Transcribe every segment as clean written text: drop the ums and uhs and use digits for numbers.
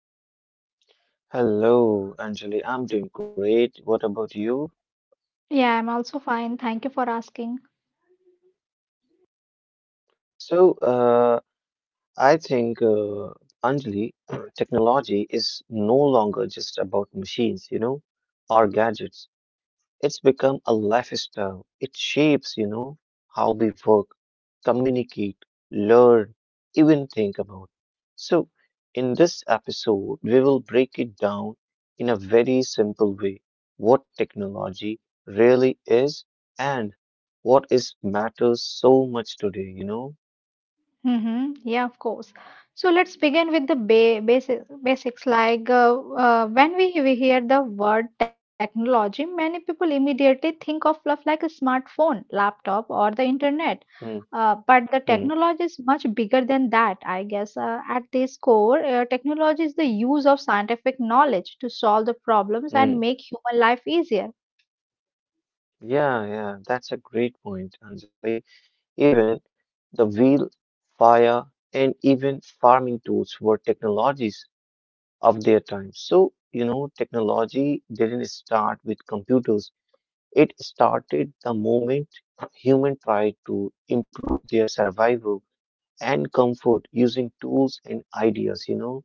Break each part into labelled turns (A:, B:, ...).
A: hmm. Hello, Anjali. I'm doing great. What about you?
B: Yeah, I'm also fine. Thank you for asking.
A: So, uh, I think, Anjali, technology is no longer just about machines, or gadgets. It's become a lifestyle. It shapes, how we work, communicate, learn, even think about. So, in this episode, we will break it down in a very simple way what technology really is and what is matters so much today.
B: Mm-hmm. Yeah, of course. So let's begin with the ba basic basics. Like when we hear the word technology, many people immediately think of stuff like a smartphone, laptop, or the internet.
A: Mm,
B: But the
A: mm,
B: technology is much bigger than that, I guess. At this core, technology is the use of scientific knowledge to solve the problems and
A: mm.
B: make human life easier.
A: Yeah, yeah, that's a great point, Anjali. Even the wheel, fire, and even farming tools were technologies of their time. So, technology didn't start with computers, it started the moment human tried to improve their survival and comfort using tools and ideas.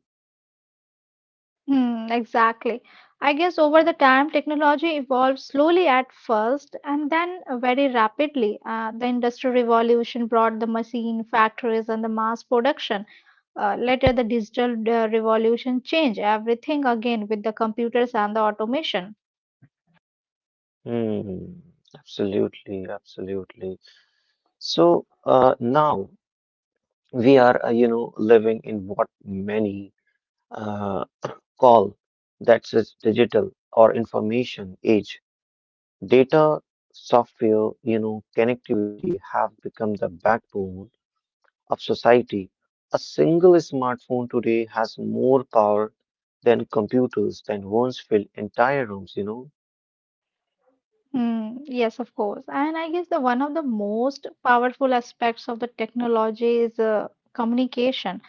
B: Hmm, exactly. I guess over the time, technology evolved slowly at first and then very rapidly. The Industrial Revolution brought the machine factories and the mass production. Later, the Digital Revolution changed everything again with the computers and the automation.
A: Hmm, absolutely, absolutely. So now we are, living in what many uh, call that says digital or information age. Data, software, connectivity have become the backbone of society. A single smartphone today has more power than computers than once filled entire rooms.
B: Hmm, yes, of course. And I guess the one of the most powerful aspects of the technology is communication.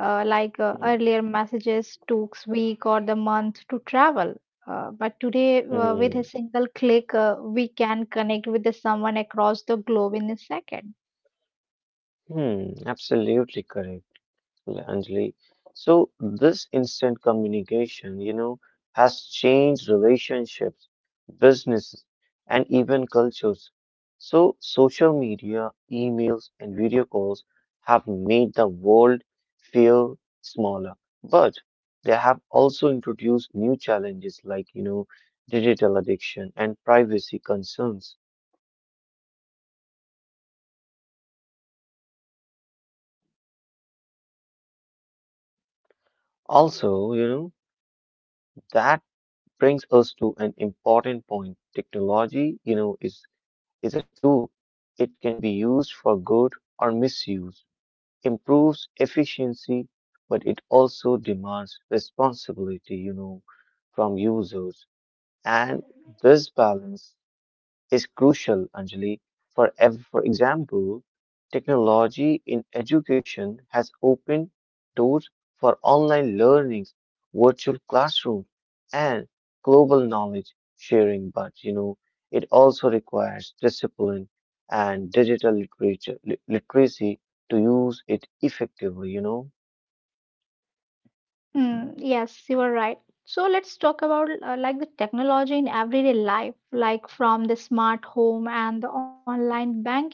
B: Like
A: Hmm,
B: earlier messages took week or the month to travel, but today, with
A: hmm,
B: a single click, we can connect with the someone across the globe in a second.
A: hmm, absolutely correct. Well, Anjali. So this instant communication, has changed relationships, businesses, and even cultures. So social media, emails, and video calls have made the world feel smaller, but they have also introduced new challenges like digital addiction and privacy concerns. Also, that brings us to an important point. Technology, is a tool. It can be used for good or misuse, improves efficiency, but it also demands responsibility, from users. And this balance is crucial, Anjali. For example, technology in education has opened doors for online learnings, virtual classrooms, and global knowledge sharing, but it also requires discipline and digital literature, literacy to use it effectively.
B: Hmm, yes, you are right. So let's talk about like the technology in everyday life, like from the smart home and the online banking.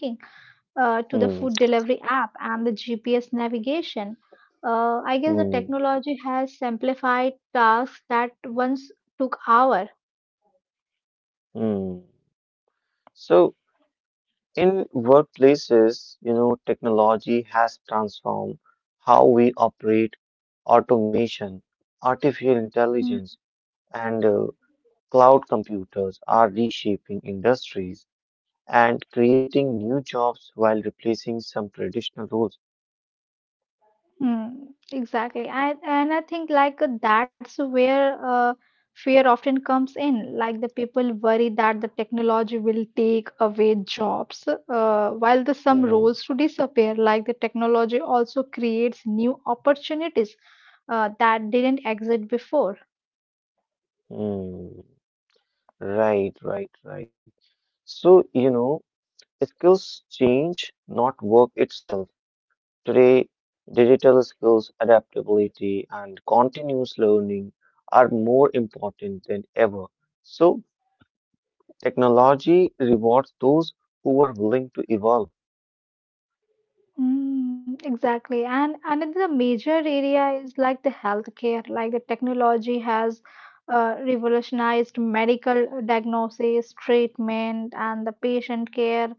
B: To the food
A: Hmm,
B: delivery app and the GPS navigation. I guess the
A: hmm,
B: technology has simplified tasks that once took hours.
A: hmm. So, in workplaces, technology has transformed how we operate automation, artificial
B: Mm,
A: intelligence, and cloud computers are reshaping industries and creating new jobs while replacing some traditional roles.
B: mm, exactly. And I think like that's where fear often comes in. Like the people worry that the technology will take away jobs, while the some roles
A: Mm,
B: to disappear. Like the technology also creates new opportunities that didn't exist before.
A: mm. Right, right, right. So, skills change, not work itself. Today, digital skills, adaptability, and continuous learning are more important than ever. So, technology rewards those who are willing to evolve.
B: Mm, exactly. And another major area is like the healthcare, like the technology has revolutionized medical diagnosis, treatment, and the patient care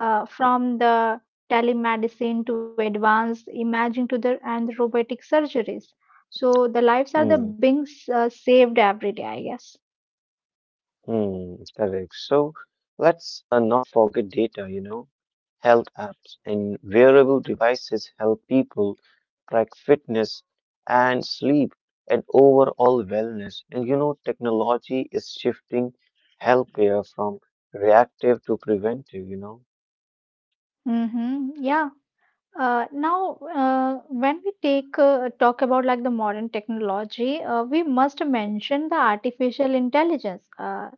B: from the telemedicine to advanced imaging to the and the robotic surgeries. So the lives are the
A: Hmm.
B: being saved every day, I guess.
A: Hmm, correct. So let's not forget data, you know. Health apps and wearable devices help people track fitness and sleep and overall wellness. And technology is shifting healthcare from reactive to preventive.
B: Mm-hmm. Yeah, now, when we take talk about like the modern technology, we must mention the artificial intelligence.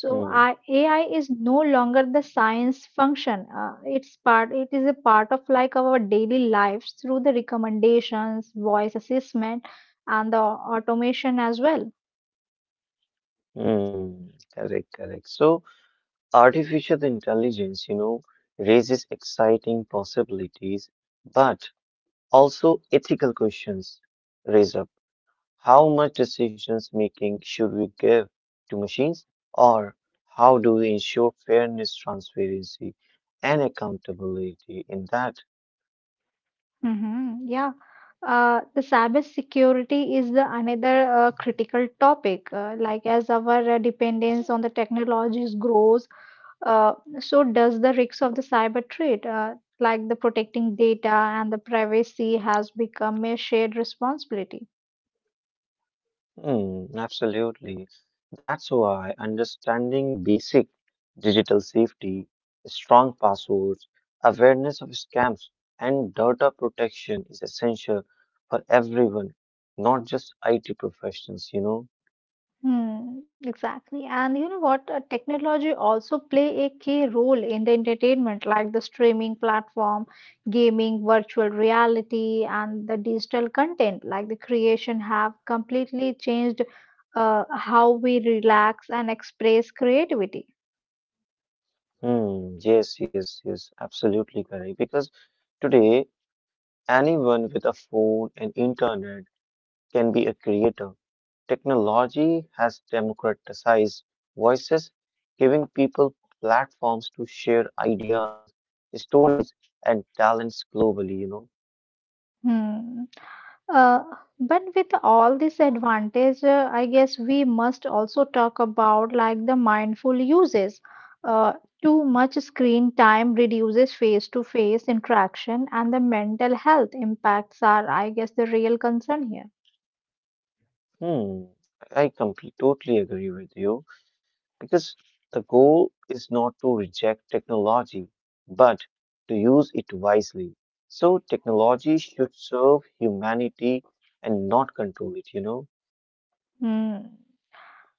B: So,
A: Hmm,
B: AI is no longer the science function. It is a part of like our daily lives through the recommendations, voice assessment, and the automation as well.
A: hmm, correct, correct. So artificial intelligence, raises exciting possibilities, but also, ethical questions raise up. How much decisions making should we give to machines? Or how do we ensure fairness, transparency, and accountability in that?
B: Mm-hmm. Yeah. The cyber security is the another critical topic. Like as our dependence on the technologies grows, uh, so does the risks of the cyber threat. Like the protecting data and the privacy has become a shared responsibility.
A: Hmm, absolutely. That's why understanding basic digital safety, strong passwords, awareness of scams, and data protection is essential for everyone, not just IT professionals.
B: Hmm, exactly. And you know what? Technology also play a key role in the entertainment, like the streaming platform, gaming, virtual reality, and the digital content, like the creation have completely changed how we relax and express creativity.
A: Hmm, yes, yes, yes, absolutely correct. Because today, anyone with a phone and internet can be a creator. Technology has democratized voices, giving people platforms to share ideas, stories, and talents globally, you
B: Hmm. Uh, but with all this advantage, I guess we must also talk about like the mindful uses. Uh, Too much screen time reduces face-to-face interaction, and the mental health impacts are, I guess, the real concern here.
A: know. Hmm, I completely totally agree with you because the goal is not to reject technology, but to use it wisely. So technology should serve humanity and not control it.
B: Hmm.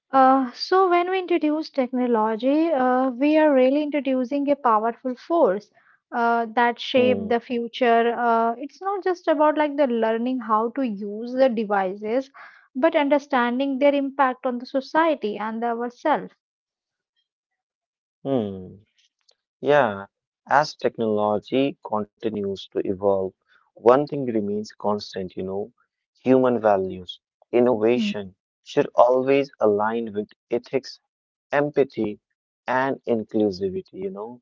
B: So, when we introduce technology, we are really introducing a powerful force that
A: Hmm.
B: shape the future. It's not just about like the learning how to use the devices, but understanding their impact on the society and ourselves.
A: Hmm. Yeah. As technology continues to evolve, one thing remains constant, human values.
B: Mm.
A: Innovation should always align with ethics, empathy, and inclusivity.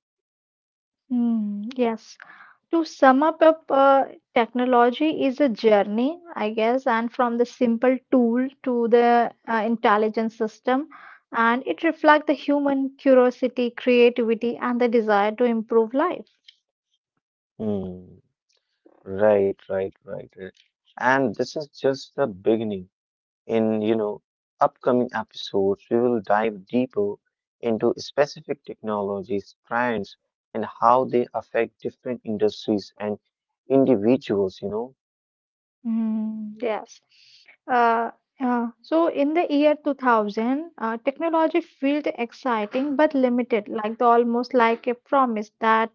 B: Mm, yes. To sum up, technology is a journey, I guess, and from the simple tool to the intelligent system, and it reflects the human curiosity, creativity, and the desire to improve life.
A: Hmm. Right, right, right, right. And this is just the beginning. In upcoming episodes, we will dive deeper into specific technologies, trends, and how they affect different industries and individuals.
B: Mm, yes. Uh, so in the year 2000, technology felt exciting but limited, like the, almost like a promise that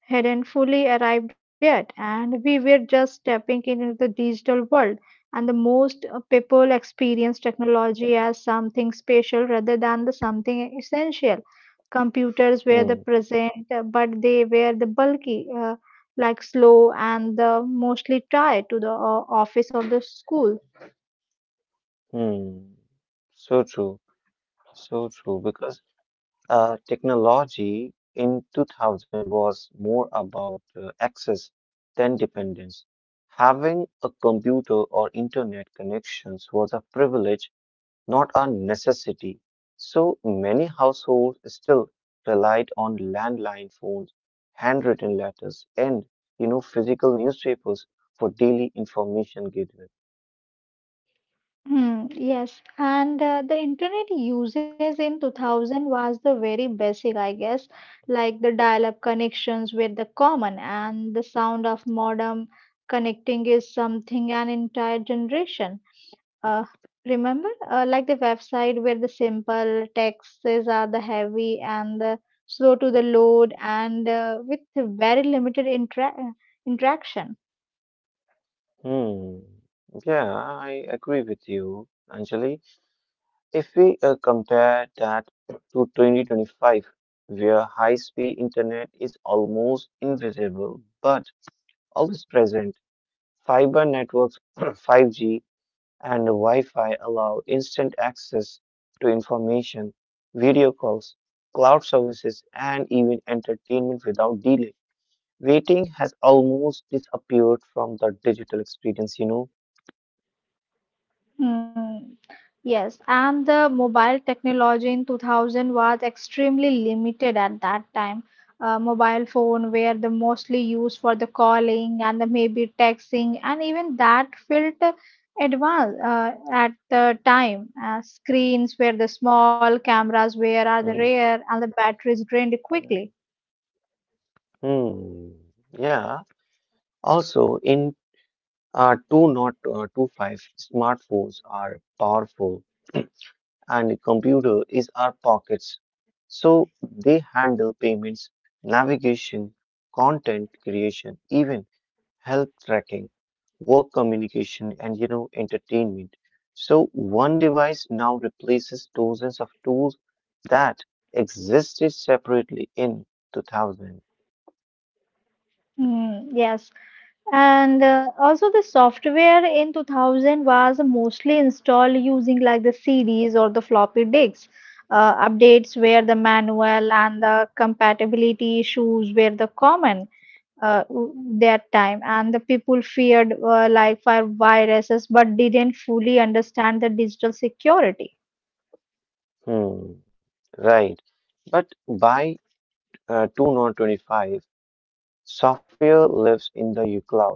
B: hadn't fully arrived yet, and we were just stepping into the digital world. And the most people experience technology as something special rather than the something essential. Computers were the
A: Hmm,
B: present, but they were the bulky. Like slow and the mostly try to the office or the school.
A: hmm. So true, so true, because technology in 2000 was more about access than dependence. Having a computer or internet connections was a privilege not a necessity. So many households still relied on landline phones, handwritten letters, and physical newspapers for daily information gathering.
B: Hmm, yes, and the internet uses in 2000 was the very basic, I guess, like the dial-up connections were the common, and the sound of modem connecting is something an entire generation. Uh, Remember, like the website where the simple texts are the heavy and the slow to the load and with very limited interaction.
A: Hmm. Yeah, I agree with you, Anjali. If we compare that to 2025, where high-speed internet is almost invisible but always present, fiber networks, 5G and Wi-Fi allow instant access to information, video calls, cloud services, and even entertainment without delay. Waiting has almost disappeared from the digital experience.
B: Hmm. Yes, and the mobile technology in 2000 was extremely limited at that time. Mobile phone were the mostly used for the calling and the maybe texting, and even that felt advanced at the time. Screens were the small, cameras were are the
A: Mm,
B: rare, and the batteries drained
A: mm,
B: quickly.
A: mm. Yeah. Also, in 2 not two five smartphones are powerful and computer is our pockets. So they handle payments, navigation, content creation, even health tracking, work communication, and entertainment. So one device now replaces dozens of tools that existed separately in 2000.
B: Hmm. Yes, and also the software in 2000 was mostly installed using like the CDs or the floppy disks. Updates were the manual and the compatibility issues were the common that time. And the people feared like for viruses but didn't fully understand the digital security.
A: Hmm. Right. But by 2025, software lives in the cloud.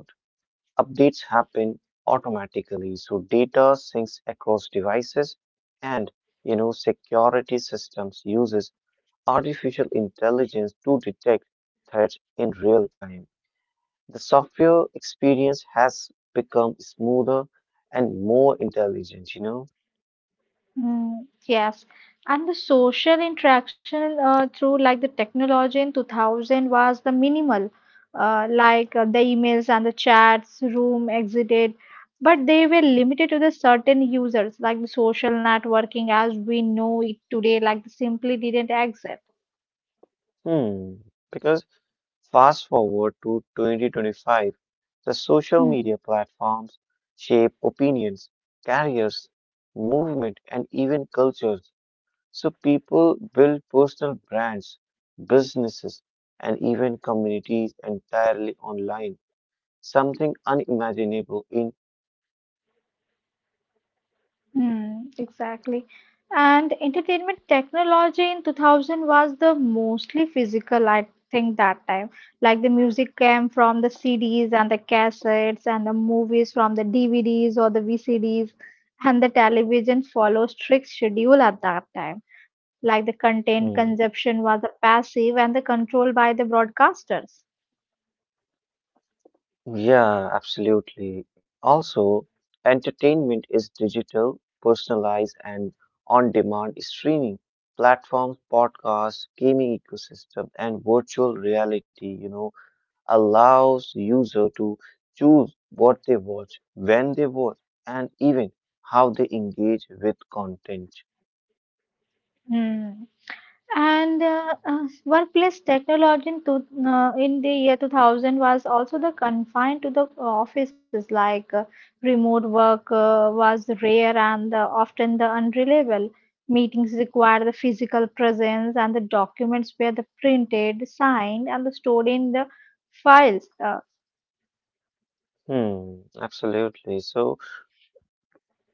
A: Updates happen automatically, so data syncs across devices and security systems uses artificial intelligence to detect threats in real time. The software experience has become smoother and more intelligent, you know.
B: Mm, yes, and the social interaction through like the technology in 2000 was the minimal, like the emails and the chats, room exited, but they were limited to the certain users, like the social networking as we know it today, like simply didn't exist.
A: Hmm. Because fast forward to 2025, the social media platforms shape opinions, careers, movement, and even culture. So people build personal brands, businesses, and even communities entirely online, something unimaginable in 2000.
B: Hmm, exactly. And entertainment technology in 2000 was the mostly physical, I think, that time. Like the music came from the CDs and the cassettes, and the movies from the DVDs or the VCDs, and the television followed strict schedule at that time. Like the content
A: Hmm.
B: consumption was a passive and the control by the broadcasters.
A: Yeah, absolutely. Also, entertainment is digital, personalized, and on-demand streaming platforms, podcasts, gaming ecosystem, and virtual reality, allows user to choose what they watch, when they watch, and even how they engage with content.
B: Hmm. And workplace technology in the year 2000 was also the confined to the offices, like remote work was rare and often the unreliable. Meetings required the physical presence, and the documents were the printed, signed, and the stored in the files.
A: Hmm, absolutely. So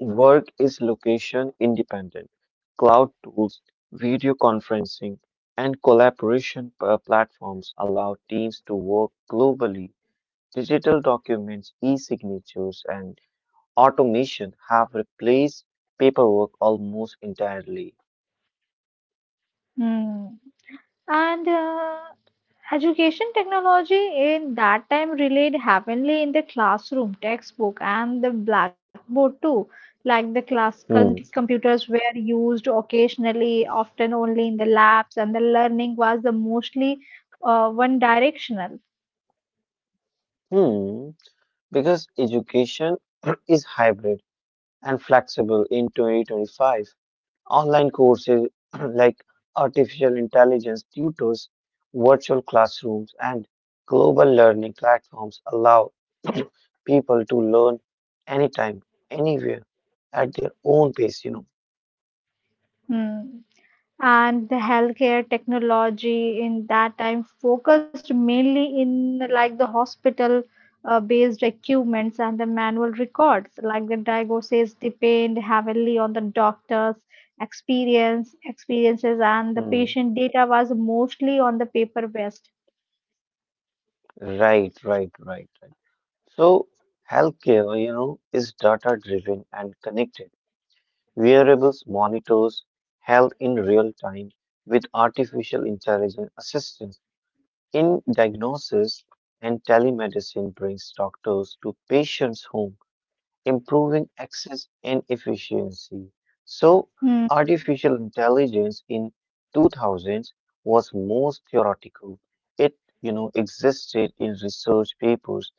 A: work is location independent. Cloud tools, video conferencing, and collaboration platforms allow teams to work globally. Digital documents, e-signatures, and automation have replaced paperwork almost entirely.
B: mm. And education technology in that time relied heavily in the classroom, textbook, and the blackboard too. Like the
A: Hmm.
B: computers were used occasionally, often only in the labs, and the learning was the mostly one directional.
A: Hmm. Because education is hybrid and flexible in 2025. Online courses like artificial intelligence tutors, virtual classrooms, and global learning platforms allow people to learn anytime, anywhere, at their own pace.
B: Hmm. And the healthcare technology in that time focused mainly in like the hospital based equipments and the manual records like the diagnosis depend heavily on the doctors experiences and the
A: Hmm.
B: patient data was mostly on the paper based.
A: Right, right, right, right. So, healthcare, is data driven and connected. Wearables monitors health in real time with artificial intelligence assistance in diagnosis and telemedicine brings doctors to patients' home, improving access and efficiency. So, artificial intelligence in 2000s was most theoretical. It, existed in research papers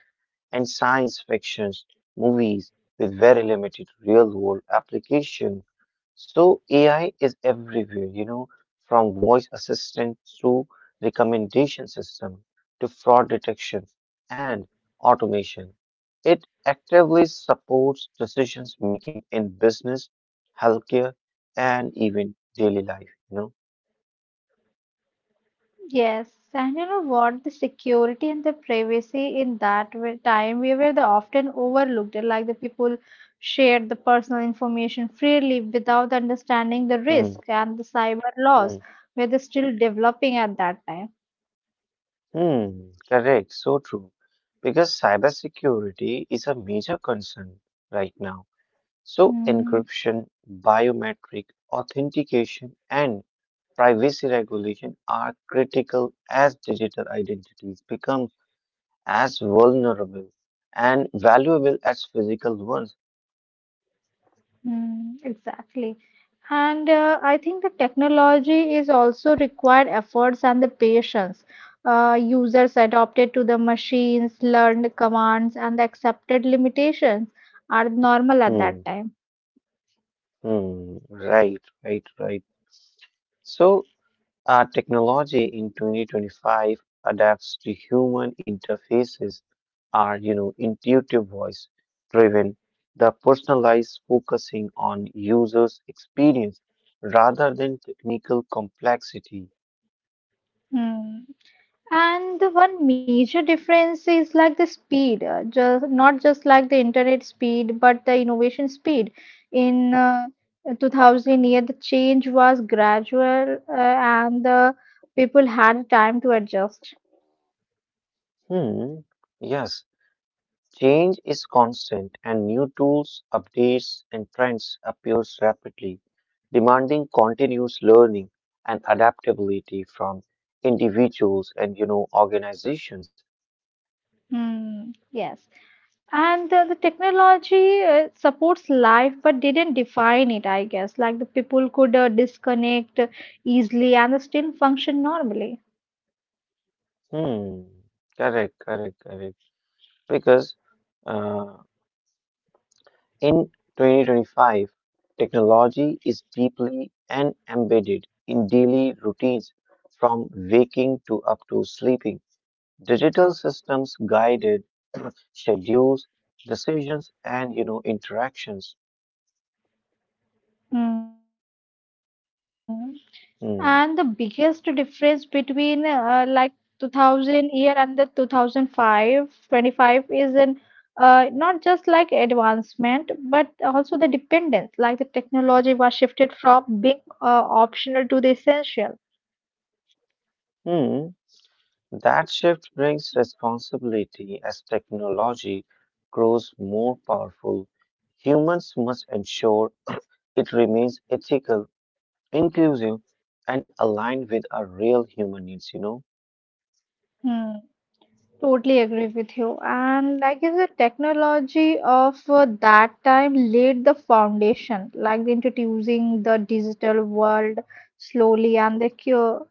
A: and science fictions, movies with very limited real-world application. So AI is everywhere, from voice assistants to recommendation system to fraud detection and automation. It actively supports decisions making in business, healthcare, and even daily life, you
B: Yes, and you know what? The security and the privacy in time, we were the often overlooked. Like the people shared the personal information freely without understanding the
A: know.
B: risk and the cyber
A: Hmm,
B: laws
A: hmm,
B: were they still developing at that time.
A: hmm, correct, so true. Because cybersecurity is a major concern right now. So
B: Mm-hmm.
A: encryption, biometric authentication, and privacy regulation are critical as digital identities become as vulnerable and valuable as physical ones.
B: Mm-hmm. Exactly. And I think the technology is also required efforts and the patience. Users adopted to the machines, learned commands, and the accepted limitations are normal at
A: Hmm,
B: that time.
A: hmm, right, right, right. So, technology in 2025 adapts to human interfaces are, intuitive voice driven, the personalized focusing on users' experience rather than technical complexity.
B: Hmm. And the one major difference is like the speed, just not just like the internet speed, but the innovation speed. In 2000 year, the change was gradual, and the people had time to adjust.
A: Hmm, yes. Change is constant and new tools, updates and trends appears rapidly, demanding continuous learning and adaptability from individuals and organizations.
B: Hmm, yes. And the technology supports life but didn't define it, I guess. Like the people could disconnect easily and still function normally.
A: Hmm. Correct, correct, correct. Because uh, in 2025, technology is deeply and embedded in daily routines from waking to up to sleeping. Digital systems guided schedules, decisions, and interactions.
B: Hmm. And the biggest
A: Hmm.
B: difference between like 2000 year and the 2005, 25 is in not just like advancement but also the dependence. Like the technology was shifted from being optional to the essential.
A: Hmm. That shift brings responsibility as technology grows more powerful. Humans must ensure it remains ethical, inclusive, and aligned with our real human needs. You know.
B: Hmm. Totally agree with you. And like is the technology of that time laid the foundation, like the introducing the digital world slowly and the cure,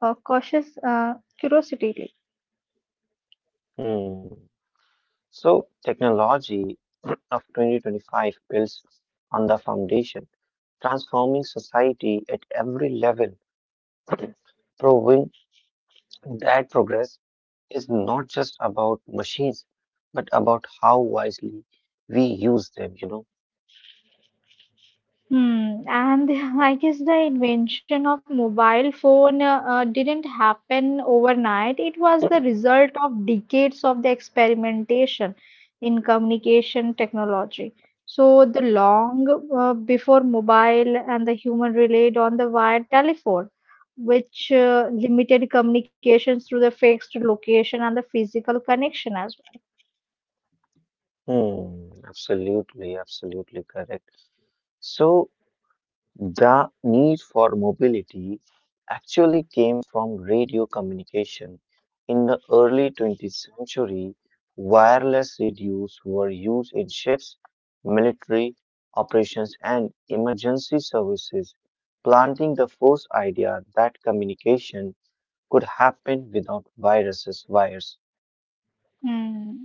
B: uh, cautious curiosity.
A: Hmm. So technology of 2025 builds on the foundation, transforming society at every level, proving that progress is not just about machines, but about how wisely we use them.
B: Hmm, and I guess the invention of mobile phone didn't happen overnight. It was the result of decades of the experimentation in communication technology. So the long before mobile and the human relied on the wired telephone, which limited communications through the fixed location and the physical connection as well.
A: Hmm, absolutely, absolutely correct. So, the need for mobility actually came from radio communication. In the early 20th century, wireless radios were used in ships, military operations, and emergency services, planting the first idea that communication could happen without viruses, wires.
B: Hmm.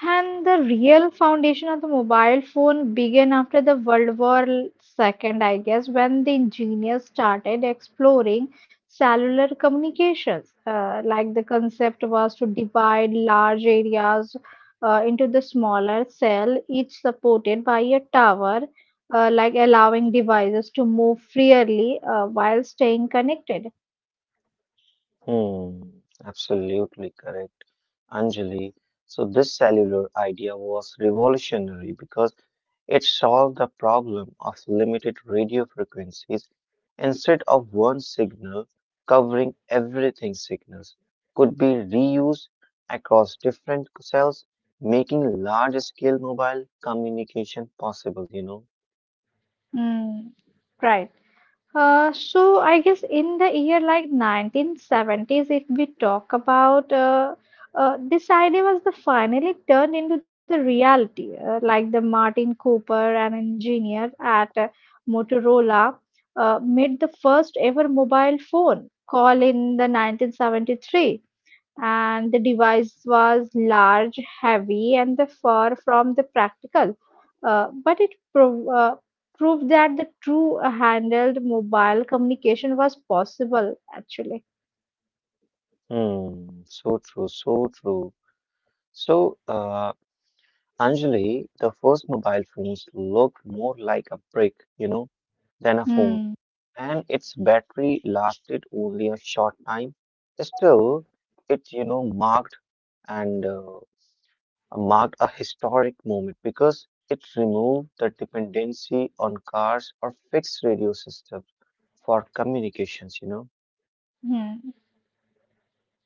B: And the real foundation of the mobile phone began after the World War II, I guess, when the engineers started exploring cellular communications. Like the concept was to divide large areas into the smaller cell, each supported by a tower, like allowing devices to move freely while staying connected.
A: Hmm, absolutely correct, Anjali. So this cellular idea was revolutionary because it solved the problem of limited radio frequencies instead of one signal covering everything signals could be reused across different cells making large scale mobile communication possible you know.
B: Mm, right. So I guess in the year like 1970s, if we talk about this idea was the finally turned into the reality, like the Martin Cooper, an engineer at Motorola, made the first ever mobile phone call in the 1973 and the device was large, heavy, and the far from the practical. But it proved that the true handled mobile communication was possible actually.
A: Hmm, so true, so true. So Anjali, the first mobile phones looked more like a brick, than a phone,
B: Hmm.
A: and its battery lasted only a short time. Still, it, and uh, marked a historic moment because it removed the dependency on cars or fixed radio systems for communications, you know.
B: Hmm.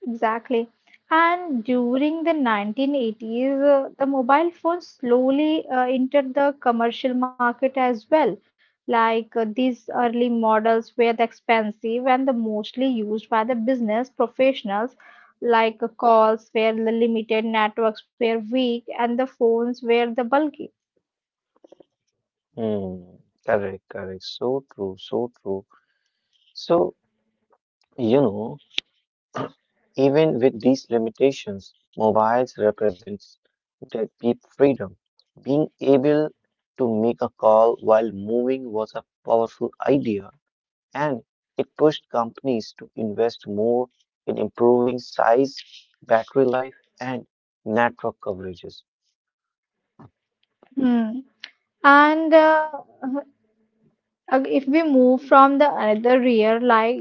B: Exactly. And during the 1980s, the mobile phone slowly entered the commercial market as well. Like these early models were the expensive and the mostly used by the business professionals. Like calls were the limited, networks were weak, and the phones were the bulky.
A: Hmm, correct, correct. So true, so true. So, you know, even with these limitations, mobiles represents that deep freedom. Being able to make a call while moving was a powerful idea, and it pushed companies to invest more in improving size, battery life, and network coverages.
B: Hmm. And If we move from the another year like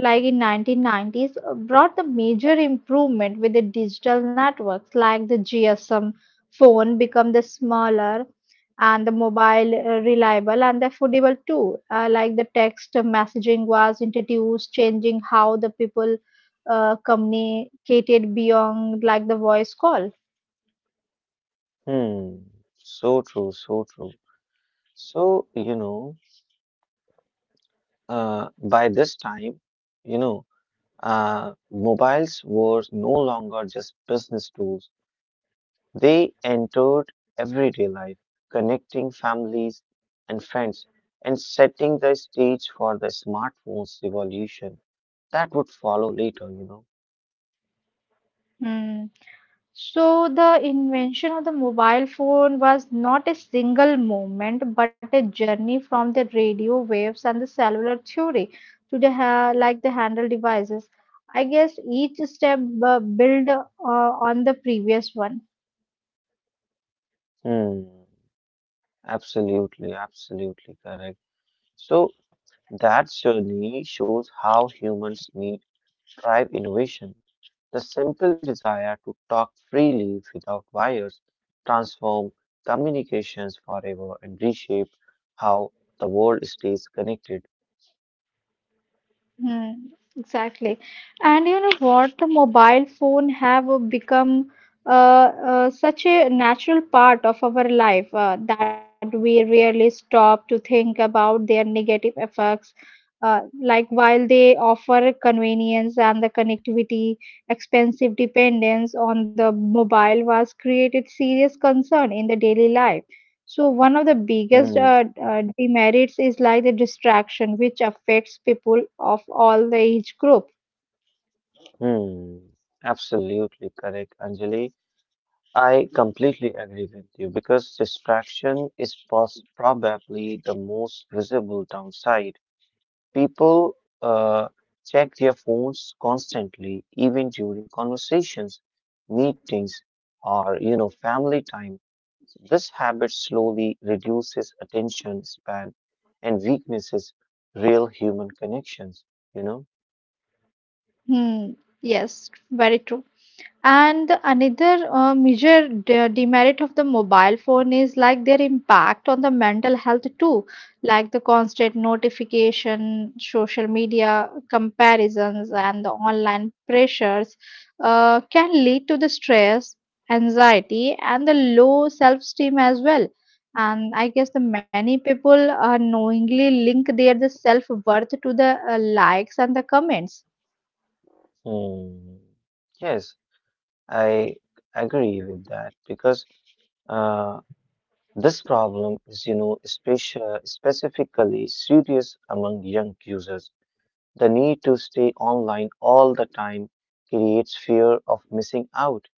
B: like in 1990s brought the major improvement with the digital networks like the GSM phone become the smaller and the mobile reliable and affordable too, like the text messaging was introduced, changing how the people communicated beyond like the voice call.
A: Hmm, so true, so true. So, by this time, you know, mobiles were no longer just business tools. They entered everyday life, connecting families and friends and setting the stage for the smartphones revolution that would follow later, you know.
B: Hmm. So, the invention of the mobile phone was not a single moment, but a journey from the radio waves and the cellular theory to the like the handle devices. I guess each step build on the previous one.
A: Hmm, absolutely, absolutely correct. So that journey shows how humans need thrive innovation. The simple desire to talk freely without wires transform communications forever and reshape how the world stays connected.
B: Hmm, exactly. And you know what? The mobile phone have become uh, such a natural part of our life that we rarely stop to think about their negative effects. Like while they offer convenience and the connectivity, expensive dependence on the mobile was created serious concern in the daily life, so one of the biggest
A: Hmm,
B: demerits is like the distraction, which affects people of all the age group.
A: hmm, absolutely correct, Anjali. I completely agree with you because distraction is pos probably the most visible downside. People uh, check their phones constantly, even during conversations, meetings, or family time. This habit slowly reduces attention span and weaknesses real human connections, you know.
B: Hmm. Yes, very true. And another major demerit of the mobile phone is like their impact on the mental health too, like the constant notification, social media comparisons, and the online pressures can lead to the stress, anxiety, and the low self-esteem as well. And I guess the many people knowingly link their the self-worth to the likes and the comments.
A: Hmm. Yes, I agree with that because uh, this problem is, specia specifically serious among young users. The need to stay online all the time creates fear of missing out,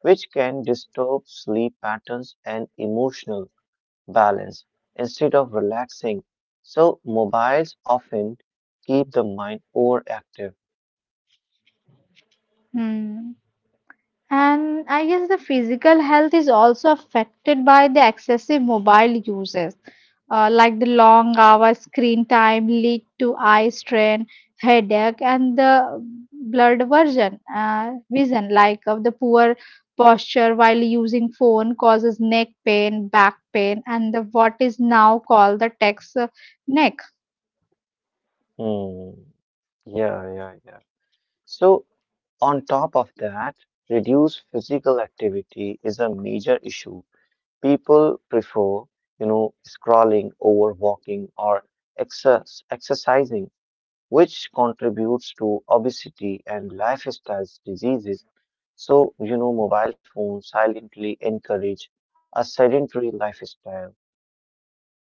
A: which can disturb sleep patterns and emotional balance instead of relaxing. So, mobiles often keep the mind overactive.
B: Hmm. And I guess the physical health is also affected by the excessive mobile uses, like the long hour screen time lead to eye strain, headache, and the blurred version, vision, like of the poor posture while using phone causes neck pain, back pain, and the what is now called the text neck.
A: Hmm. Yeah, yeah, yeah. So, on top of that, reduced physical activity is a major issue. People prefer, scrolling over walking or excess, exercising, which contributes to obesity and lifestyle diseases. So, mobile phones silently encourage a sedentary lifestyle.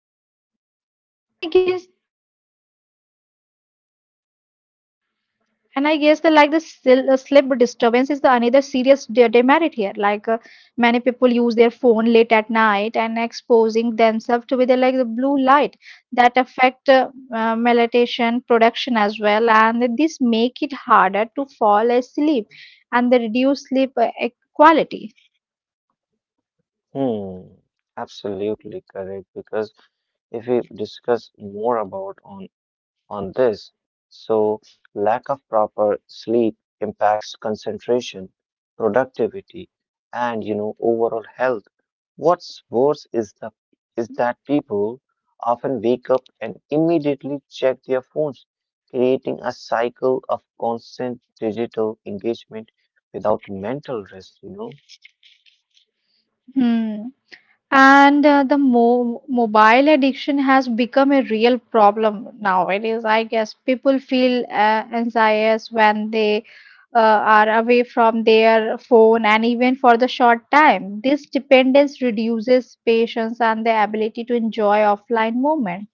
B: Yes. Uh, and I guess And I guess the like the sleep disturbance is the another serious demerit here. Like many people use their phone late at night and exposing themselves to be the like the blue light that affect melatonin production as well, and this make it harder to fall asleep and the reduce sleep quality.
A: Hmm, absolutely correct. Because if we discuss more about on this. So, lack of proper sleep impacts concentration, productivity, and overall health. What's worse is the is that people often wake up and immediately check their phones, creating a cycle of constant digital engagement without mental rest.
B: Hmm. And the mo mobile addiction has become a real problem nowadays. I guess people feel anxious when they are away from their phone and even for the short time. This dependence reduces patience and the ability to enjoy offline moment.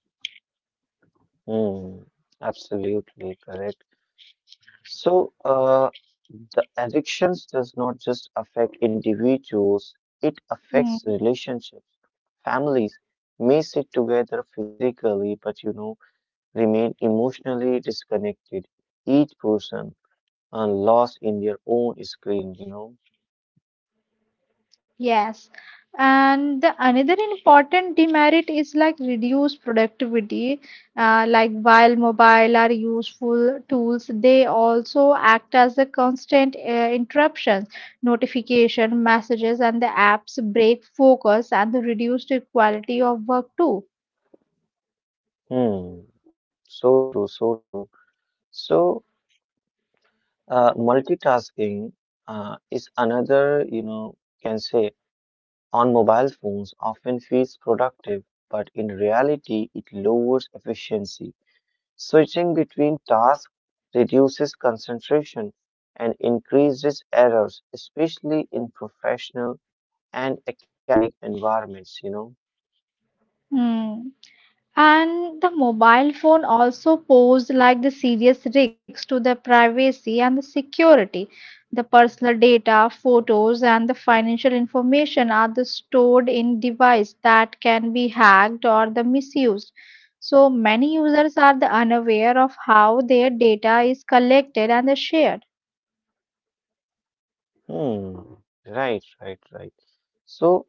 A: Hmm, absolutely correct. So, the addictions does not just affect individuals, it affects
B: Hmm.
A: relationships. Families may sit together physically, but remain emotionally disconnected. Each person are lost in their own screen.
B: Yes, and the another important demerit is like reduced productivity. Like while mobile are useful tools, they also act as a constant interruptions, notification, messages, and the apps break focus and the reduced quality of work too.
A: Hmm. So true, so true. So, multitasking, is another, can say on mobile phones often feels productive, but in reality, it lowers efficiency. Switching between tasks reduces concentration and increases errors, especially in professional and academic environments.
B: Hmm. And the mobile phone also posed like the serious risks to the privacy and the security. The personal data, photos, and the financial information are the stored in device that can be hacked or the misused. So many users are the unaware of how their data is collected and the shared.
A: Hmm. Right, right, right. So,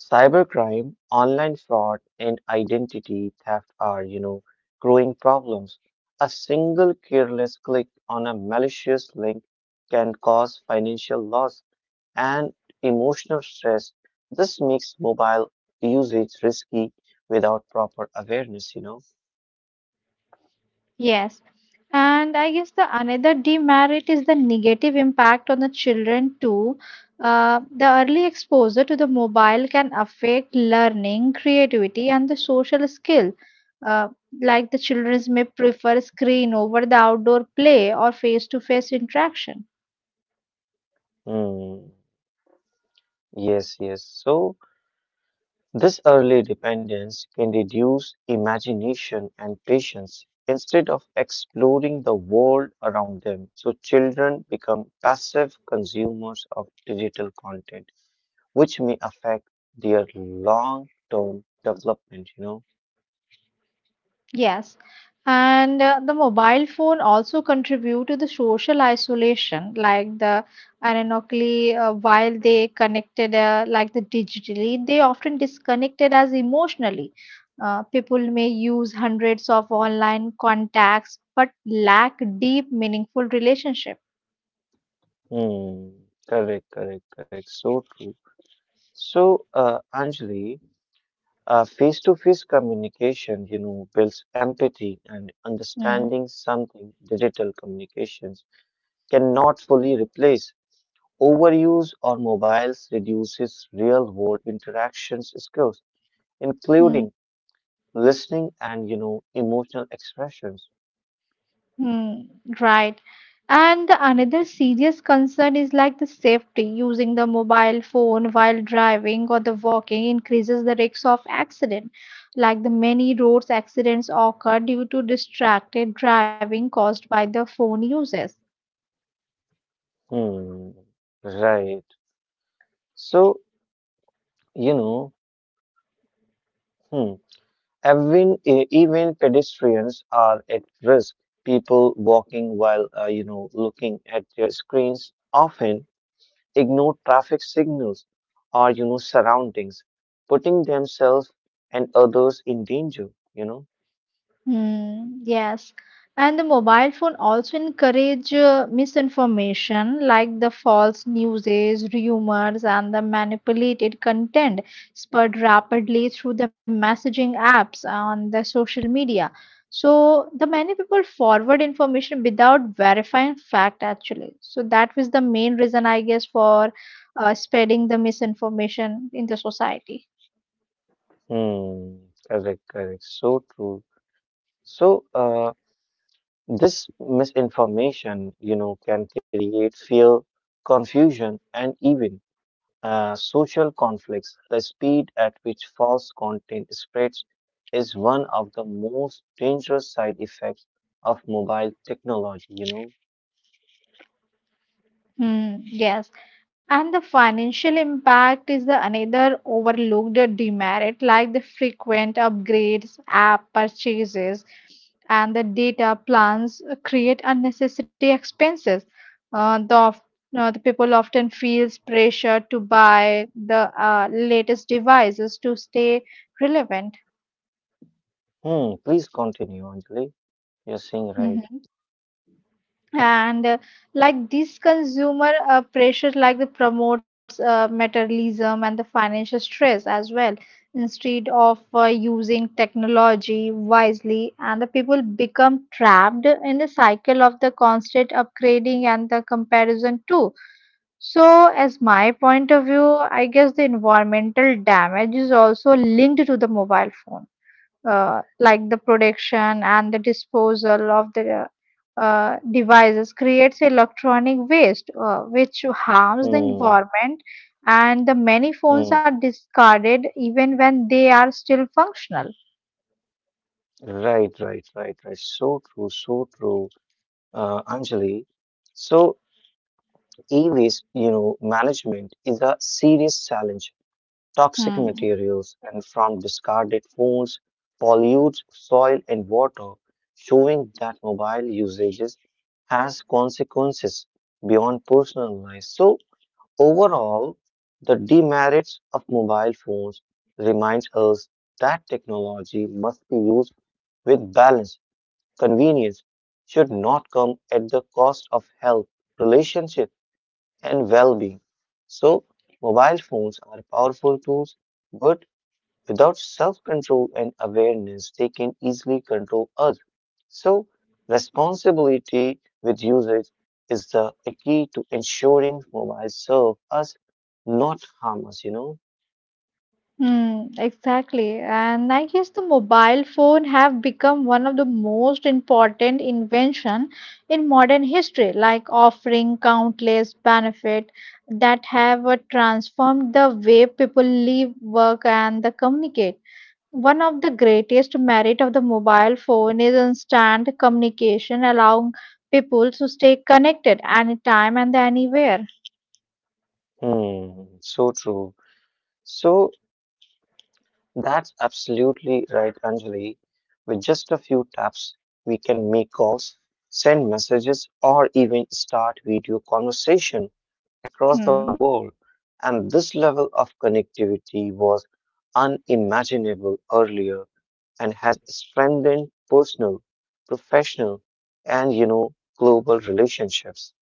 A: Cybercrime, online fraud, and identity theft are, growing problems. A single careless click on a malicious link can cause financial loss and emotional stress. This makes mobile usage risky without proper awareness.
B: Yes. And I guess the another demerit is the negative impact on the children too. The early exposure to the mobile can affect learning, creativity, and the social skill. Uh, like the children may prefer screen over the outdoor play or face-to-face interaction.
A: Hmm. Yes, yes. So, this early dependence can reduce imagination and patience instead of exploring the world around them. So, children become passive consumers of digital content, which may affect their long term development. You
B: Yes, and the mobile phone also contribute to the social isolation, like the ironically, while they connected like the digitally, they often disconnected as emotionally. People may use hundreds of online contacts but lack deep, meaningful relationship.
A: know, Hmm, correct, correct, correct. So true. So, Anjali, face to face communication, builds empathy and
B: Mm.
A: understanding something digital communications cannot fully replace. Overuse or mobiles reduces real world interactions skills,
B: Mm.
A: including listening and emotional expressions.
B: Hmm, right. And the another serious concern is like the safety. Using the mobile phone while driving or the walking increases the risk of accident. Like the many roads accidents occur due to distracted driving caused by the phone uses.
A: Hmm. Right. So you know, hmm, even e- even pedestrians are at risk. People walking while looking at their screens often ignore traffic signals or surroundings, putting themselves and others in danger.
B: Hmm, yes. And the mobile phone also encourage misinformation like the false newses, rumors, and the manipulated content spread rapidly through the messaging apps on the social media. So the many people forward information without verifying fact actually. So that was the main reason I guess for spreading the misinformation in the society.
A: Hmm. Correct. Correct. So true. So this misinformation, can create fear, confusion, and even social conflicts. The speed at which false content spreads is one of the most dangerous side effects of mobile technology.
B: Mm, yes. And the financial impact is the another overlooked demerit, like the frequent upgrades, app purchases, and the data plans create unnecessary expenses. Uh, the, of- the people often feels pressure to buy the latest devices to stay relevant.
A: Hmm, please continue, Anjali. You're saying right.
B: Mhm. And like this consumer pressure like the promotes materialism and the financial stress as well instead of using technology wisely, and the people become trapped in the cycle of the constant upgrading and the comparison too. So as my point of view, I guess the environmental damage is also linked to the mobile phone, like the production and the disposal of the devices creates electronic waste, which harms the
A: Mm,
B: environment, and the many phones
A: mm.
B: are discarded even when they are still functional.
A: Right, right, right, right. So true, Anjali. So e-waste, management is a serious challenge. Toxic
B: Hmm.
A: materials and from discarded phones pollute soil and water, showing that mobile usages has consequences beyond personal life. So overall, the demerits of mobile phones reminds us that technology must be used with balance. Convenience should not come at the cost of health, relationship, and well-being. So, mobile phones are powerful tools, but without self control and awareness, they can easily control us. So, responsibility with usage is the a key to ensuring mobiles serve us, not harm us,
B: Hmm, exactly. And I guess the mobile phone have become one of the most important invention in modern history, like offering countless benefit that have transformed the way people live, work, and the communicate. One of the greatest merit of the mobile phone is instant communication, allowing people to stay connected anytime and anywhere.
A: Hmm, so true. So, that's absolutely right, Anjali. With just a few taps, we can make calls, send messages, or even start video conversation across the
B: Hmm.
A: world, and this level of connectivity was unimaginable earlier and has strengthened personal, professional, and global relationships.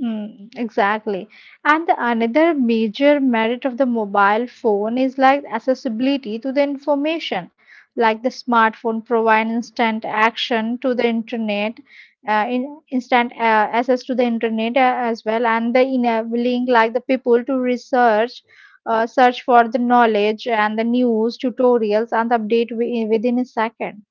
B: Mm, exactly. And the another major merit of the mobile phone is like accessibility to the information. Like the smartphone provide instant action to the internet, in, instant access to the internet as well, and the enabling like the people to research, search for the knowledge and the news, tutorials, and update within a second.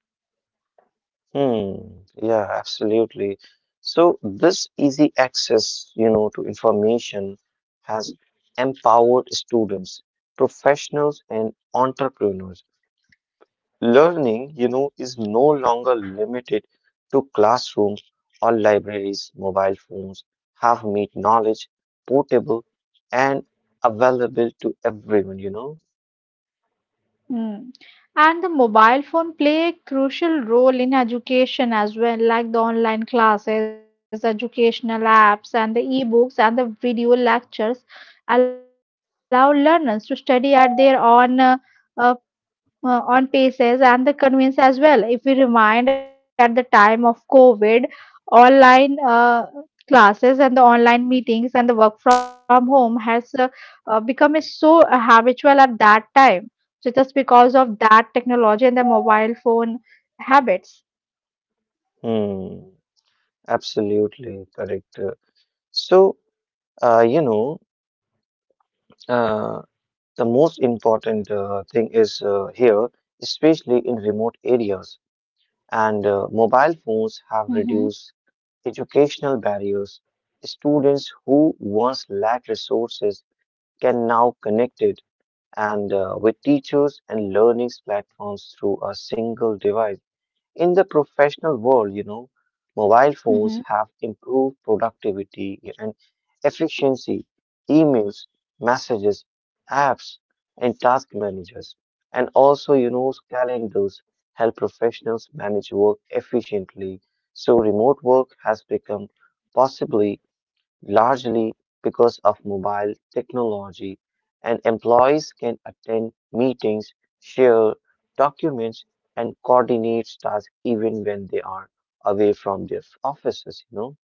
A: Hmm, yeah, absolutely. So this easy access, to information has empowered students, professionals, and entrepreneurs. Learning, is no longer limited to classrooms or libraries. Mobile phones have made knowledge portable and available to everyone,
B: Mm. And the mobile phone play a crucial role in education as well, like the online classes, educational apps, and the e-books and the video lectures allow learners to study at their own uh, on paces and the convenience as well. If we remind at the time of COVID, online classes and the online meetings and the work from home has become is so habitual at that time. So just because of that technology and the mobile phone habits.
A: Hmm, absolutely correct. So, uh, you know, uh, the most important thing is here, especially in remote areas, and mobile phones
B: Mm-hmm.
A: have reduced educational barriers. Students who once lacked resources can now connect it and with teachers and learning platforms through a single device. In the professional world, mobile phones have improved productivity and efficiency, emails, messages, apps, and task managers. And also, calendars help professionals manage work efficiently. So, remote work has become possibly largely because of mobile technology, and employees can attend meetings, share documents, and coordinate tasks even when they are away from their offices,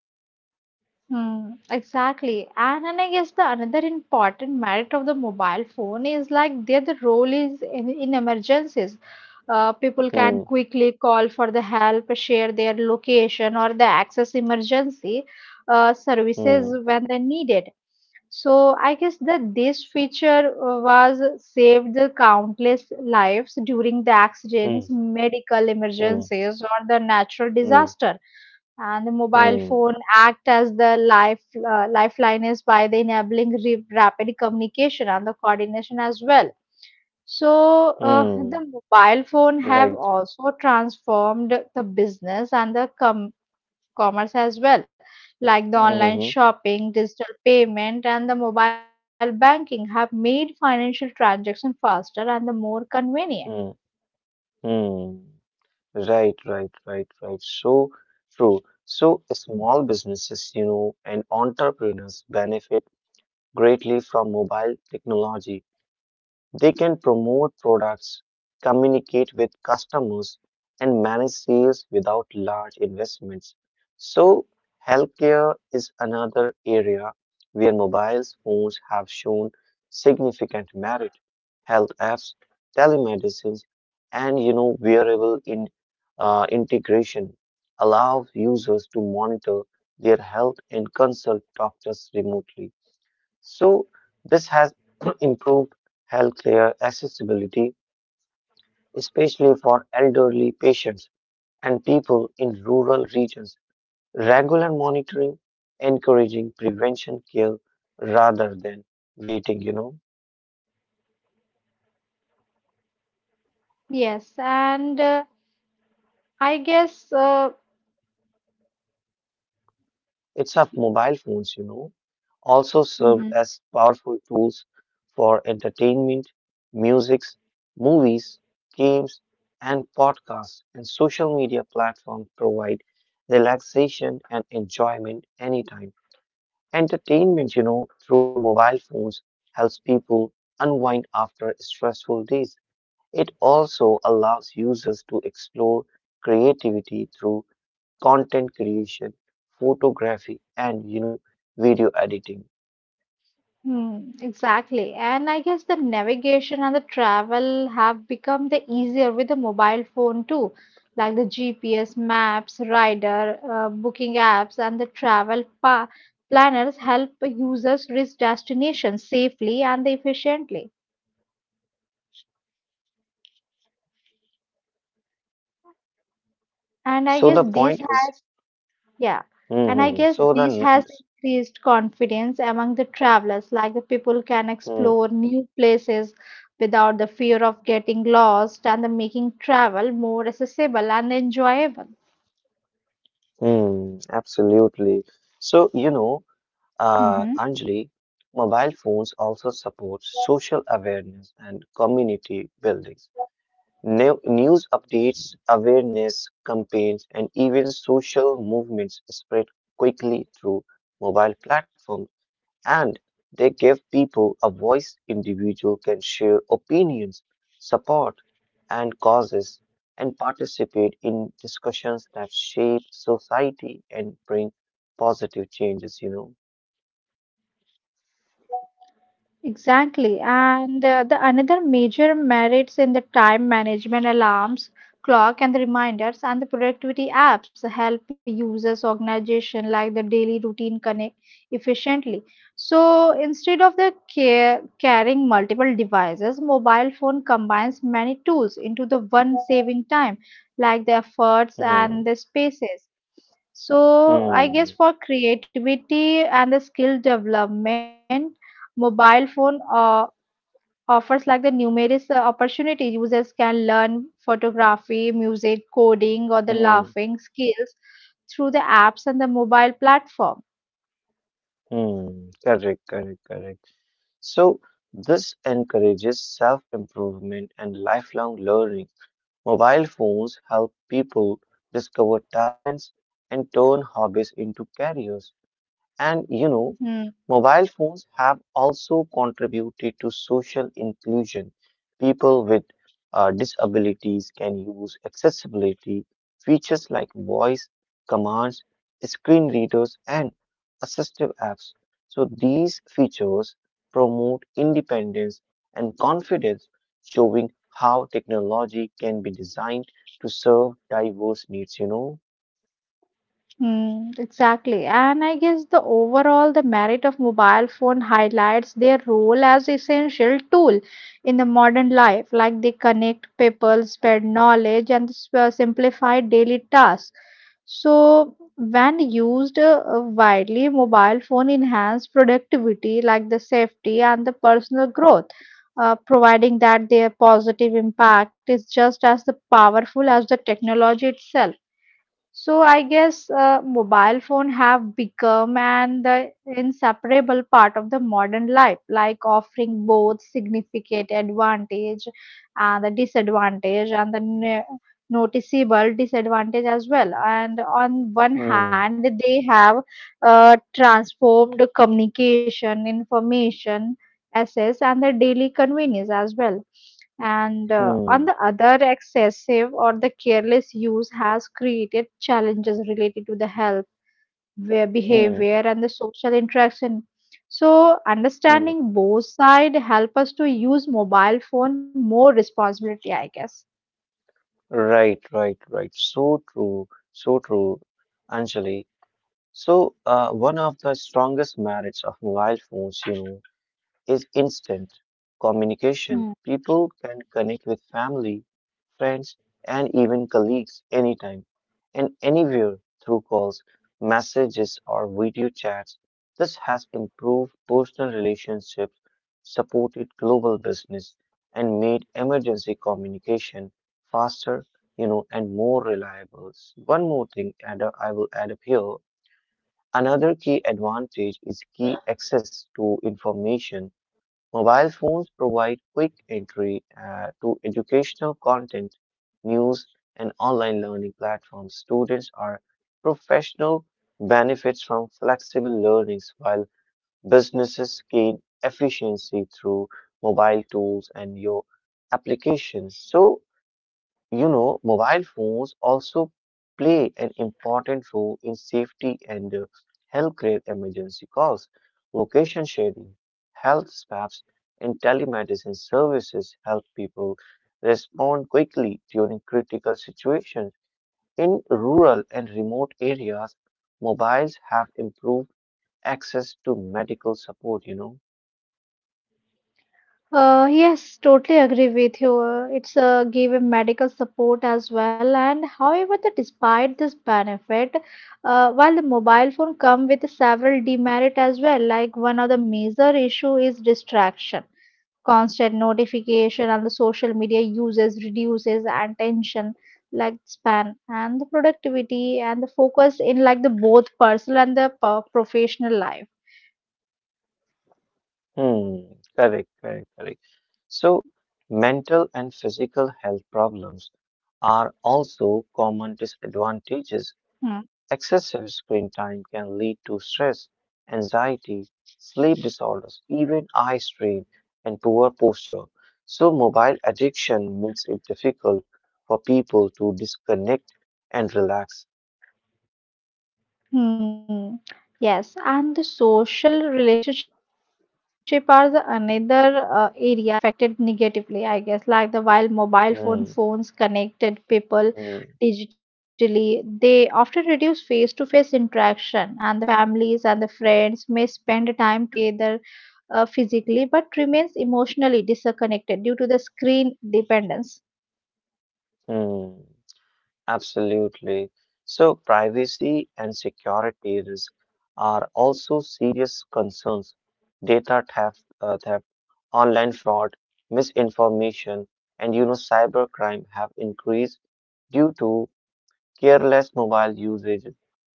B: Hmm, exactly. And I guess the another important merit of the mobile phone is like their the role is in emergencies. People
A: Hmm,
B: can quickly call for the help, share their location or the access emergency services
A: hmm,
B: when they need it. So I guess that this feature was saved the countless lives during the
A: hmm,
B: accidents, medical
A: hmm.
B: emergencies, or the natural
A: Mm,
B: disaster, and the mobile
A: mm,
B: phone act as the life lifeline is by the enabling rapid communication and the coordination as well. So
A: mm,
B: the mobile phone have
A: right.
B: also transformed the business and the commerce as well, like the online
A: Mm-hmm,
B: shopping, digital payment and the mobile banking have made financial transaction faster and the more convenient.
A: mm, mm. Right, right, right, right. So true. So small businesses, and entrepreneurs benefit greatly from mobile technology. They can promote products, communicate with customers, and manage sales without large investments. So, healthcare is another area where mobile phones have shown significant merit. Health apps, telemedicines, and wearable in, integration allow users to monitor their health and consult doctors remotely. So, this has improved healthcare accessibility, especially for elderly patients and people in rural regions. Regular monitoring, encouraging prevention care rather than waiting,
B: Yes, and i guess uh,
A: It's up. Mobile phones, also serve
B: mhm.
A: as powerful tools for entertainment, musics, movies, games, and podcasts, and social media platforms provide relaxation and enjoyment anytime. Entertainment, through mobile phones helps people unwind after stressful days. It also allows users to explore creativity through content creation, photography, and, video editing.
B: Hmm, exactly. And I guess the navigation and the travel have become the easier with the mobile phone too, like the GPS maps, rider, booking apps, and the travel pa planners help users reach destinations safely and efficiently. And I
A: So the
B: guess this
A: point is,
B: has Yeah, and I
A: hmm
B: guess
A: so the,
B: this has increased confidence among the travelers, like the people can
A: mm,
B: explore new places without the fear of getting lost and the making travel more accessible and enjoyable.
A: mm, absolutely. So,
B: Mm-hmm.
A: Anjali, mobile phones also support social awareness and community building. New- News updates, awareness campaigns, and even social movements spread quickly through mobile platforms, and they give people a voice. Individual can share opinions, support, and causes, and participate in discussions that shape society and bring positive changes.
B: Exactly. And the another major merits in the time management alarms, clock and the reminders and the productivity apps help users organization like the daily routine connect efficiently. So instead of the carrying multiple devices, mobile phone combines many tools into the one saving time like the efforts
A: Know.
B: and the spaces.
A: Hmm.
B: So I guess
A: Hmm.
B: for creativity and the skill development, mobile phone offers like the numerous opportunity. Users can learn photography, music, coding, or the
A: Hmm.
B: laughing skills through the apps and the mobile platform.
A: Hmm. Correct. Correct. Correct. So, this encourages self improvement and lifelong learning. Mobile phones help people discover talents and turn hobbies into careers. And
B: Hmm.
A: mobile phones have also contributed to social inclusion. People with disabilities can use accessibility features like voice commands, screen readers, and assistive apps. So these features promote independence and confidence, showing how technology can be designed to serve diverse needs,
B: Hmm, exactly. And I guess the overall the merit of mobile phone highlights their role as essential tool in the modern life. Like they connect people, spread knowledge, and simplify daily tasks. So when used widely, mobile phone enhance productivity, like the safety and the personal growth, providing that their positive impact is just as the powerful as the technology itself. So I guess mobile phone have become an the inseparable part of the modern life, like offering both significant advantage and the disadvantage, and the noticeable disadvantage as well. And on one
A: Hmm,
B: hand, they have transformed communication, information, access, and the daily convenience as well. And on
A: hmm,
B: the other, excessive or the careless use has created challenges related to the health, where
A: hmm,
B: behavior, and the social interaction. So,
A: hmm.
B: understanding both side help us to use mobile phone more responsibility, I guess.
A: Right, right, right. So true, Anjali. So, one of the strongest merits of mobile phones, is instant communication.
B: Hmm.
A: People can connect with family, friends, and even colleagues anytime and anywhere through calls, messages, or video chats. This has improved personal relationships, supported global business, and made emergency communication faster, and more reliable. One more thing add up- I will add up here. Another key advantage is key access to information. Mobile phones provide quick entry to educational content, news, and online learning platforms. Students are professional benefits from flexible learnings while businesses gain efficiency through mobile tools and your applications. So mobile phones also play an important role in safety and healthcare emergency calls, location sharing, health apps, and telemedicine services help people respond quickly during critical situations. In rural and remote areas, mobiles have improved access to medical support,
B: Yes, totally agree with you. It's give a medical support as well. And however, the, despite this benefit, while the mobile phone come with several demerit as well, like one of the major issue is distraction, constant notification and the social media uses reduces attention like span and the productivity and the focus in like the both personal and the professional life.
A: Hmm, correct, correct, correct. So, mental and physical health problems are also common
B: Hmm.
A: disadvantages. Excessive screen time can lead to stress, anxiety, sleep disorders, even eye strain, and poor posture. So, mobile addiction makes it difficult for people to disconnect and relax.
B: Hmm. Yes, and the social relationship are the another area affected negatively, I guess. Like the while mobile phone
A: Hmm,
B: phones connected people
A: hmm,
B: digitally, they often reduce face-to-face interaction, and the families and the friends may spend time together physically, but remains emotionally disconnected due to the screen dependence.
A: hmm. Absolutely. So, privacy and security risks are also serious concerns. Data theft, theft, online fraud, misinformation, and cybercrime have increased due to careless mobile usage.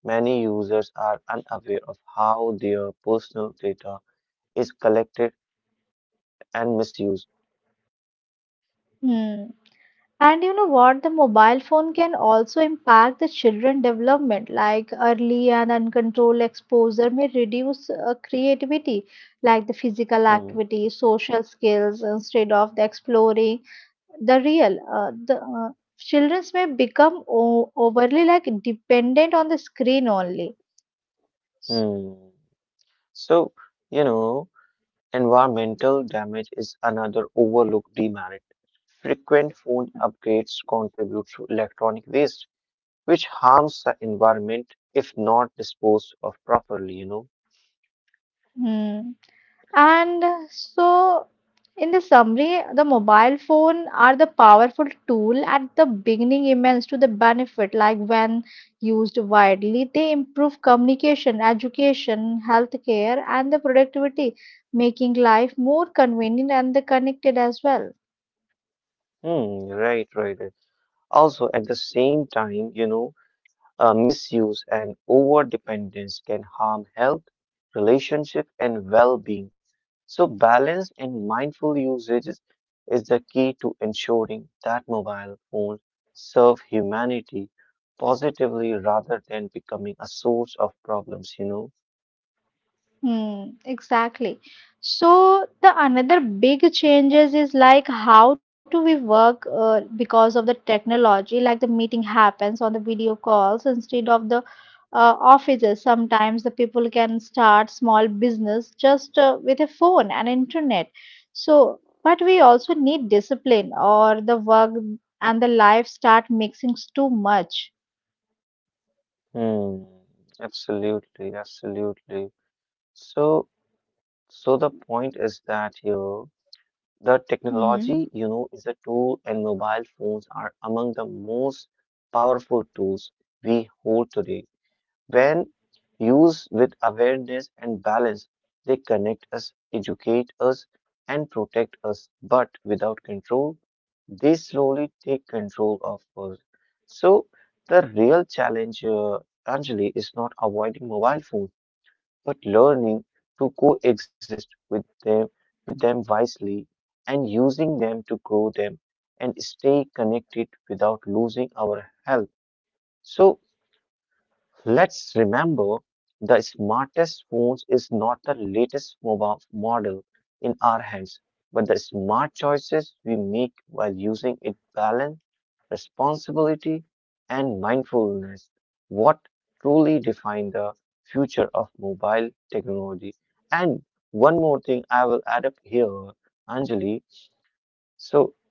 A: Many users are unaware of how their personal data is collected and misused.
B: Hmm. And you know what? The mobile phone can also impact the children development, like early and uncontrolled exposure may reduce creativity, like the physical
A: Hmm.
B: activity, social skills, instead of the exploring the real. The children may become overly like dependent on the screen only.
A: Hmm. So, you know. Environmental damage is another overlooked demerit. Frequent phone upgrades contribute to electronic waste, which harms the environment if not disposed of properly,
B: Hmm. And so, in the summary, the mobile phone are the powerful tool at the beginning immense to the benefit, like when used widely, they improve communication, education, healthcare, and the productivity, making life more convenient and the connected as well.
A: Hmm, right, right, right. Also, at the same time, misuse and over dependence can harm health, relationship, and well being. So, balance and mindful usage is the key to ensuring that mobile phones serve humanity positively rather than becoming a source of problems,
B: Hmm, exactly. So the another big changes is like how do we work because of the technology? Like the meeting happens on the video calls instead of the offices. Sometimes the people can start small business just with a phone and internet. So, but we also need discipline, or the work and the life start mixing too much.
A: Hmm, absolutely, absolutely. So, so the point is that here the
B: Mm-hmm.
A: technology, is a tool, and mobile phones are among the most powerful tools we hold today. When used with awareness and balance, they connect us, educate us, and protect us. But without control, they slowly take control of us. So, the real challenge, Anjali, is not avoiding mobile phones but learning to coexist with them wisely and using them to grow them and stay connected without losing our health. So let's remember the smartest phones is not the latest mobile model in our hands, but the smart choices we make while using it balance, responsibility, and mindfulness. What truly define the future of mobile technology. And one more thing I will add up here, Anjali. So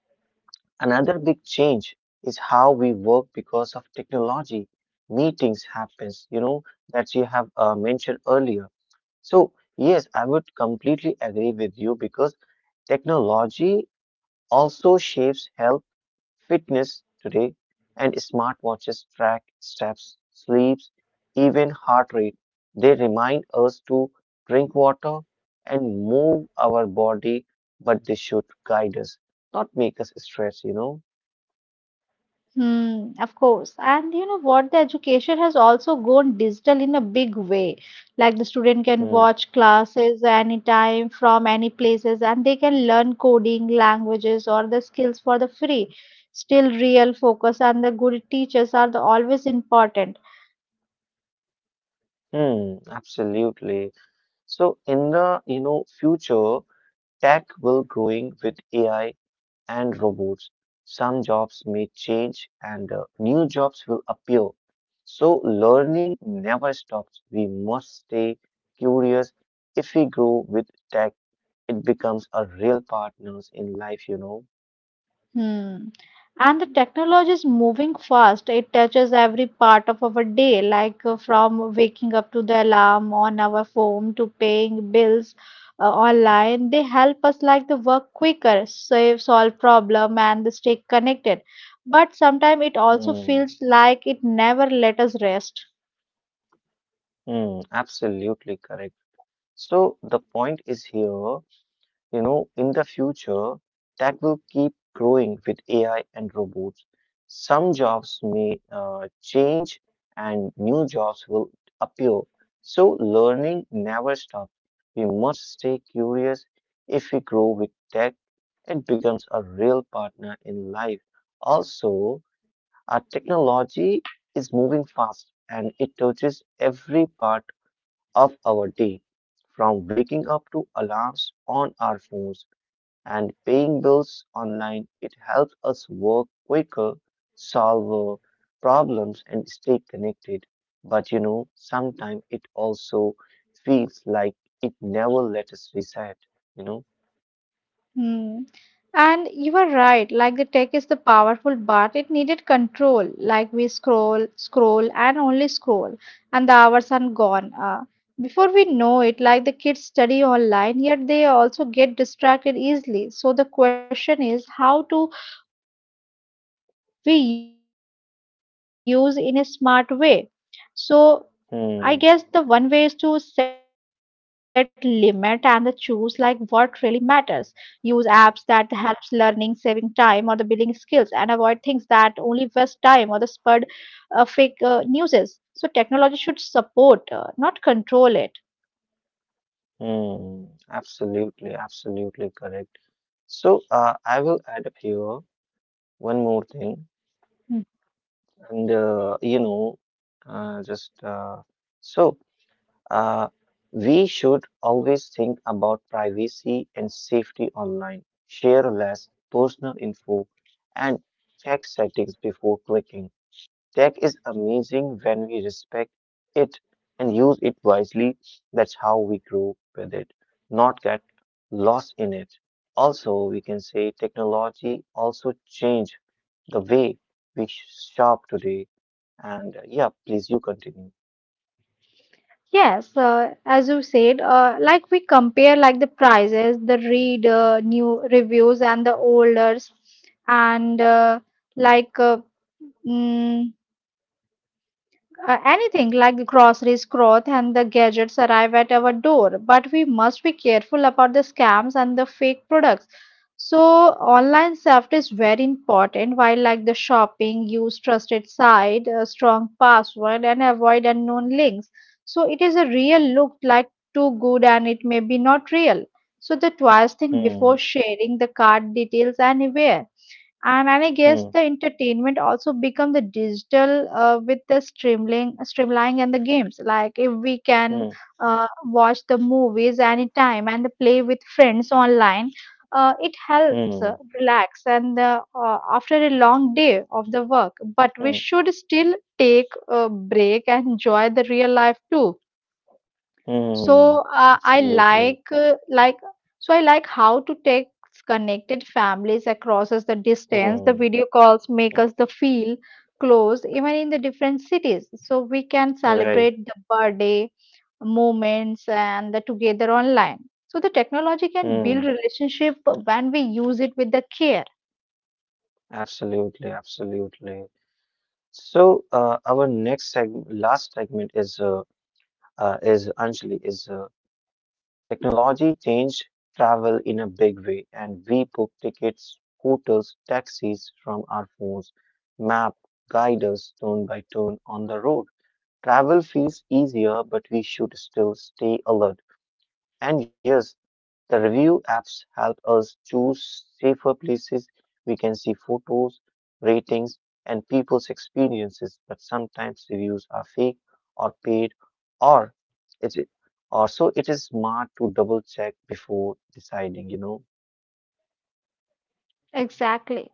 A: another big change is how we work because of technology. Meetings happens, that you have mentioned earlier. So yes, I would completely agree with you because technology also shapes health, fitness today, and smartwatches track steps, sleeps, even heart rate. They remind us to drink water and move our body, but they should guide us, not make us stress,
B: Hmm, of course. And you know what? The education has also gone digital in a big way. Like the student can
A: Hmm.
B: watch classes anytime from any places and they can learn coding, languages or the skills for the free. Still real focus and the good teachers are the always important.
A: Hmm, absolutely. So in the, future, tech will growing with AI and robots. Some jobs may change and new jobs will appear. So learning never stops. We must stay curious. If we grow with tech, it becomes a real partners in life,
B: Hmm. And the technology is moving fast. It touches every part of our day, like from waking up to the alarm on our phone to paying bills online. They help us like the work quicker, save, solve problem, and stay connected. But sometimes it also
A: Hmm,
B: feels like it never let us rest.
A: hmm, absolutely correct. So the point is here. In the future that will keep growing with AI and robots. Some jobs may change and new jobs will appear. So learning never stops. We must stay curious. If we grow with tech, it becomes a real partner in life. Also, our technology is moving fast and it touches every part of our day, from waking up to alarms on our phones and paying bills online, it helps us work quicker, solve problems, and stay connected. But sometimes it also feels like it never let us reset, you know?
B: Hmm. And you are right, like the tech is the powerful, but it needed control. Like we scroll, scroll, and only scroll, and the hours are gone. Before we know it, like the kids study online, yet they also get distracted easily. So the question is how to we use in a smart way. So I guess the one way is to set limit and the
A: Hmm,
B: choose like what really matters. Use apps that helps learning, saving time or the building skills and avoid things that only waste time or the spurred fake newses. So technology should support, not control it.
A: hmm, absolutely, absolutely correct. So I will add up here one more thing,
B: Hmm.
A: and just so. Uh, we should always think about privacy and safety online, share less personal info, and check settings before clicking. Tech is amazing when we respect it and use it wisely. That's how we grow with it, not get lost in it. Also, we can say technology also changed the way we shop today. And yeah, please you continue.
B: Yes, as you said, like we compare like the prices, the read new reviews and the olders, and uh, like uh, mm, anything like the groceries, cloth, and the gadgets arrive at our door, but we must be careful about the scams and the fake products. So, online safety is very important. While like the shopping, use trusted site, a strong password, and avoid unknown links. So, it is a real look like too good, and it may be not real. So, the twice think before
A: Hmm,
B: sharing the card details anywhere. And I guess
A: hmm,
B: the entertainment also become the digital with the streaming, streamlining and the games. Like if we can
A: hmm,
B: watch the movies anytime and play with friends online, it helps
A: hmm.
B: relax and after a long day of the work. But we
A: Mm,
B: should still take a break and enjoy the real life too. So,
A: mm,
B: I
A: absolutely.
B: like so I like how to take connected families across as the distance. The
A: Mm,
B: video calls make
A: mm,
B: us the feel close even in the different cities. So we can
A: right.
B: celebrate the birthday moments and the together online. So the technology can
A: Mm,
B: build relationship when we use it with the care.
A: absolutely. Absolutely. So, our next segment, last segment is Anjali is technology changed travel in a big way, and we book tickets, hotels, taxis from our phones. Map guide us turn by turn on the road. Travel feels easier, but we should still stay alert. And yes, the review apps help us choose safer places. We can see photos, ratings, and people's experiences, but sometimes reviews are fake or paid or it's or so it is smart to double check before deciding,
B: Exactly.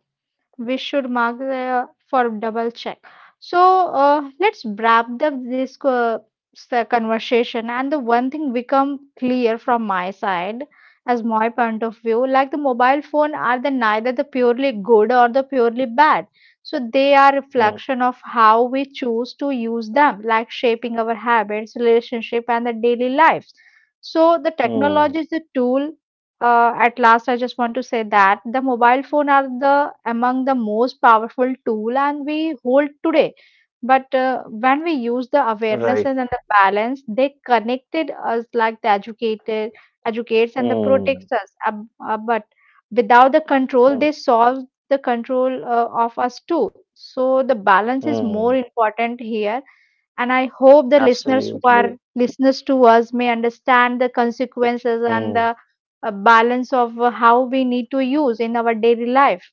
B: We should mark for double check. So let's wrap up this conversation. And the one thing become clear from my side, as my point of view, like the mobile phone are the neither the purely good or the purely bad. So they are
A: Mm,
B: reflection of how we choose to use them, like shaping our habits, relationship, and the daily lives. So the technology
A: mm,
B: is a tool at last, I just want to say that the mobile phone are the among the most powerful tool and we hold today. But when we use the
A: right.
B: awarenesses and the balance, they connected us like the educated, educates and the
A: Mm,
B: protects us. But without the control, they
A: mm,
B: solve the control of us too. So the balance is more
A: mm,
B: important here and I hope the listeners who are
A: absolutely.
B: listeners to us may understand the consequences and
A: Mm,
B: the balance of how we need to use in our daily life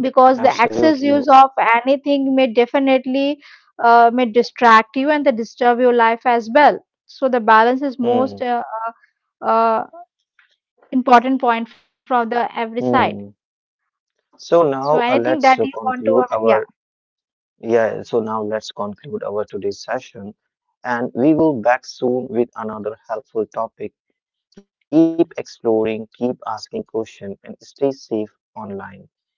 B: because the excess
A: absolutely.
B: use of anything may definitely may distract you and the disturb your life as well so the balance is
A: Mm,
B: most important point from the every side
A: mm. So
B: so
A: now
B: anything that you
A: let's
B: want to
A: conclude
B: yeah
A: our Yeah, so now let's conclude our today's session and we will back soon with another helpful topic. Keep exploring, keep asking questions and stay safe online.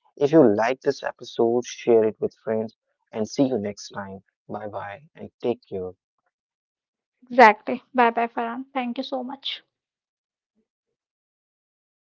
A: If you like this episode, share it with friends and see you next time. Bye bye and take care.
B: exactly bye bye farhan thank you so much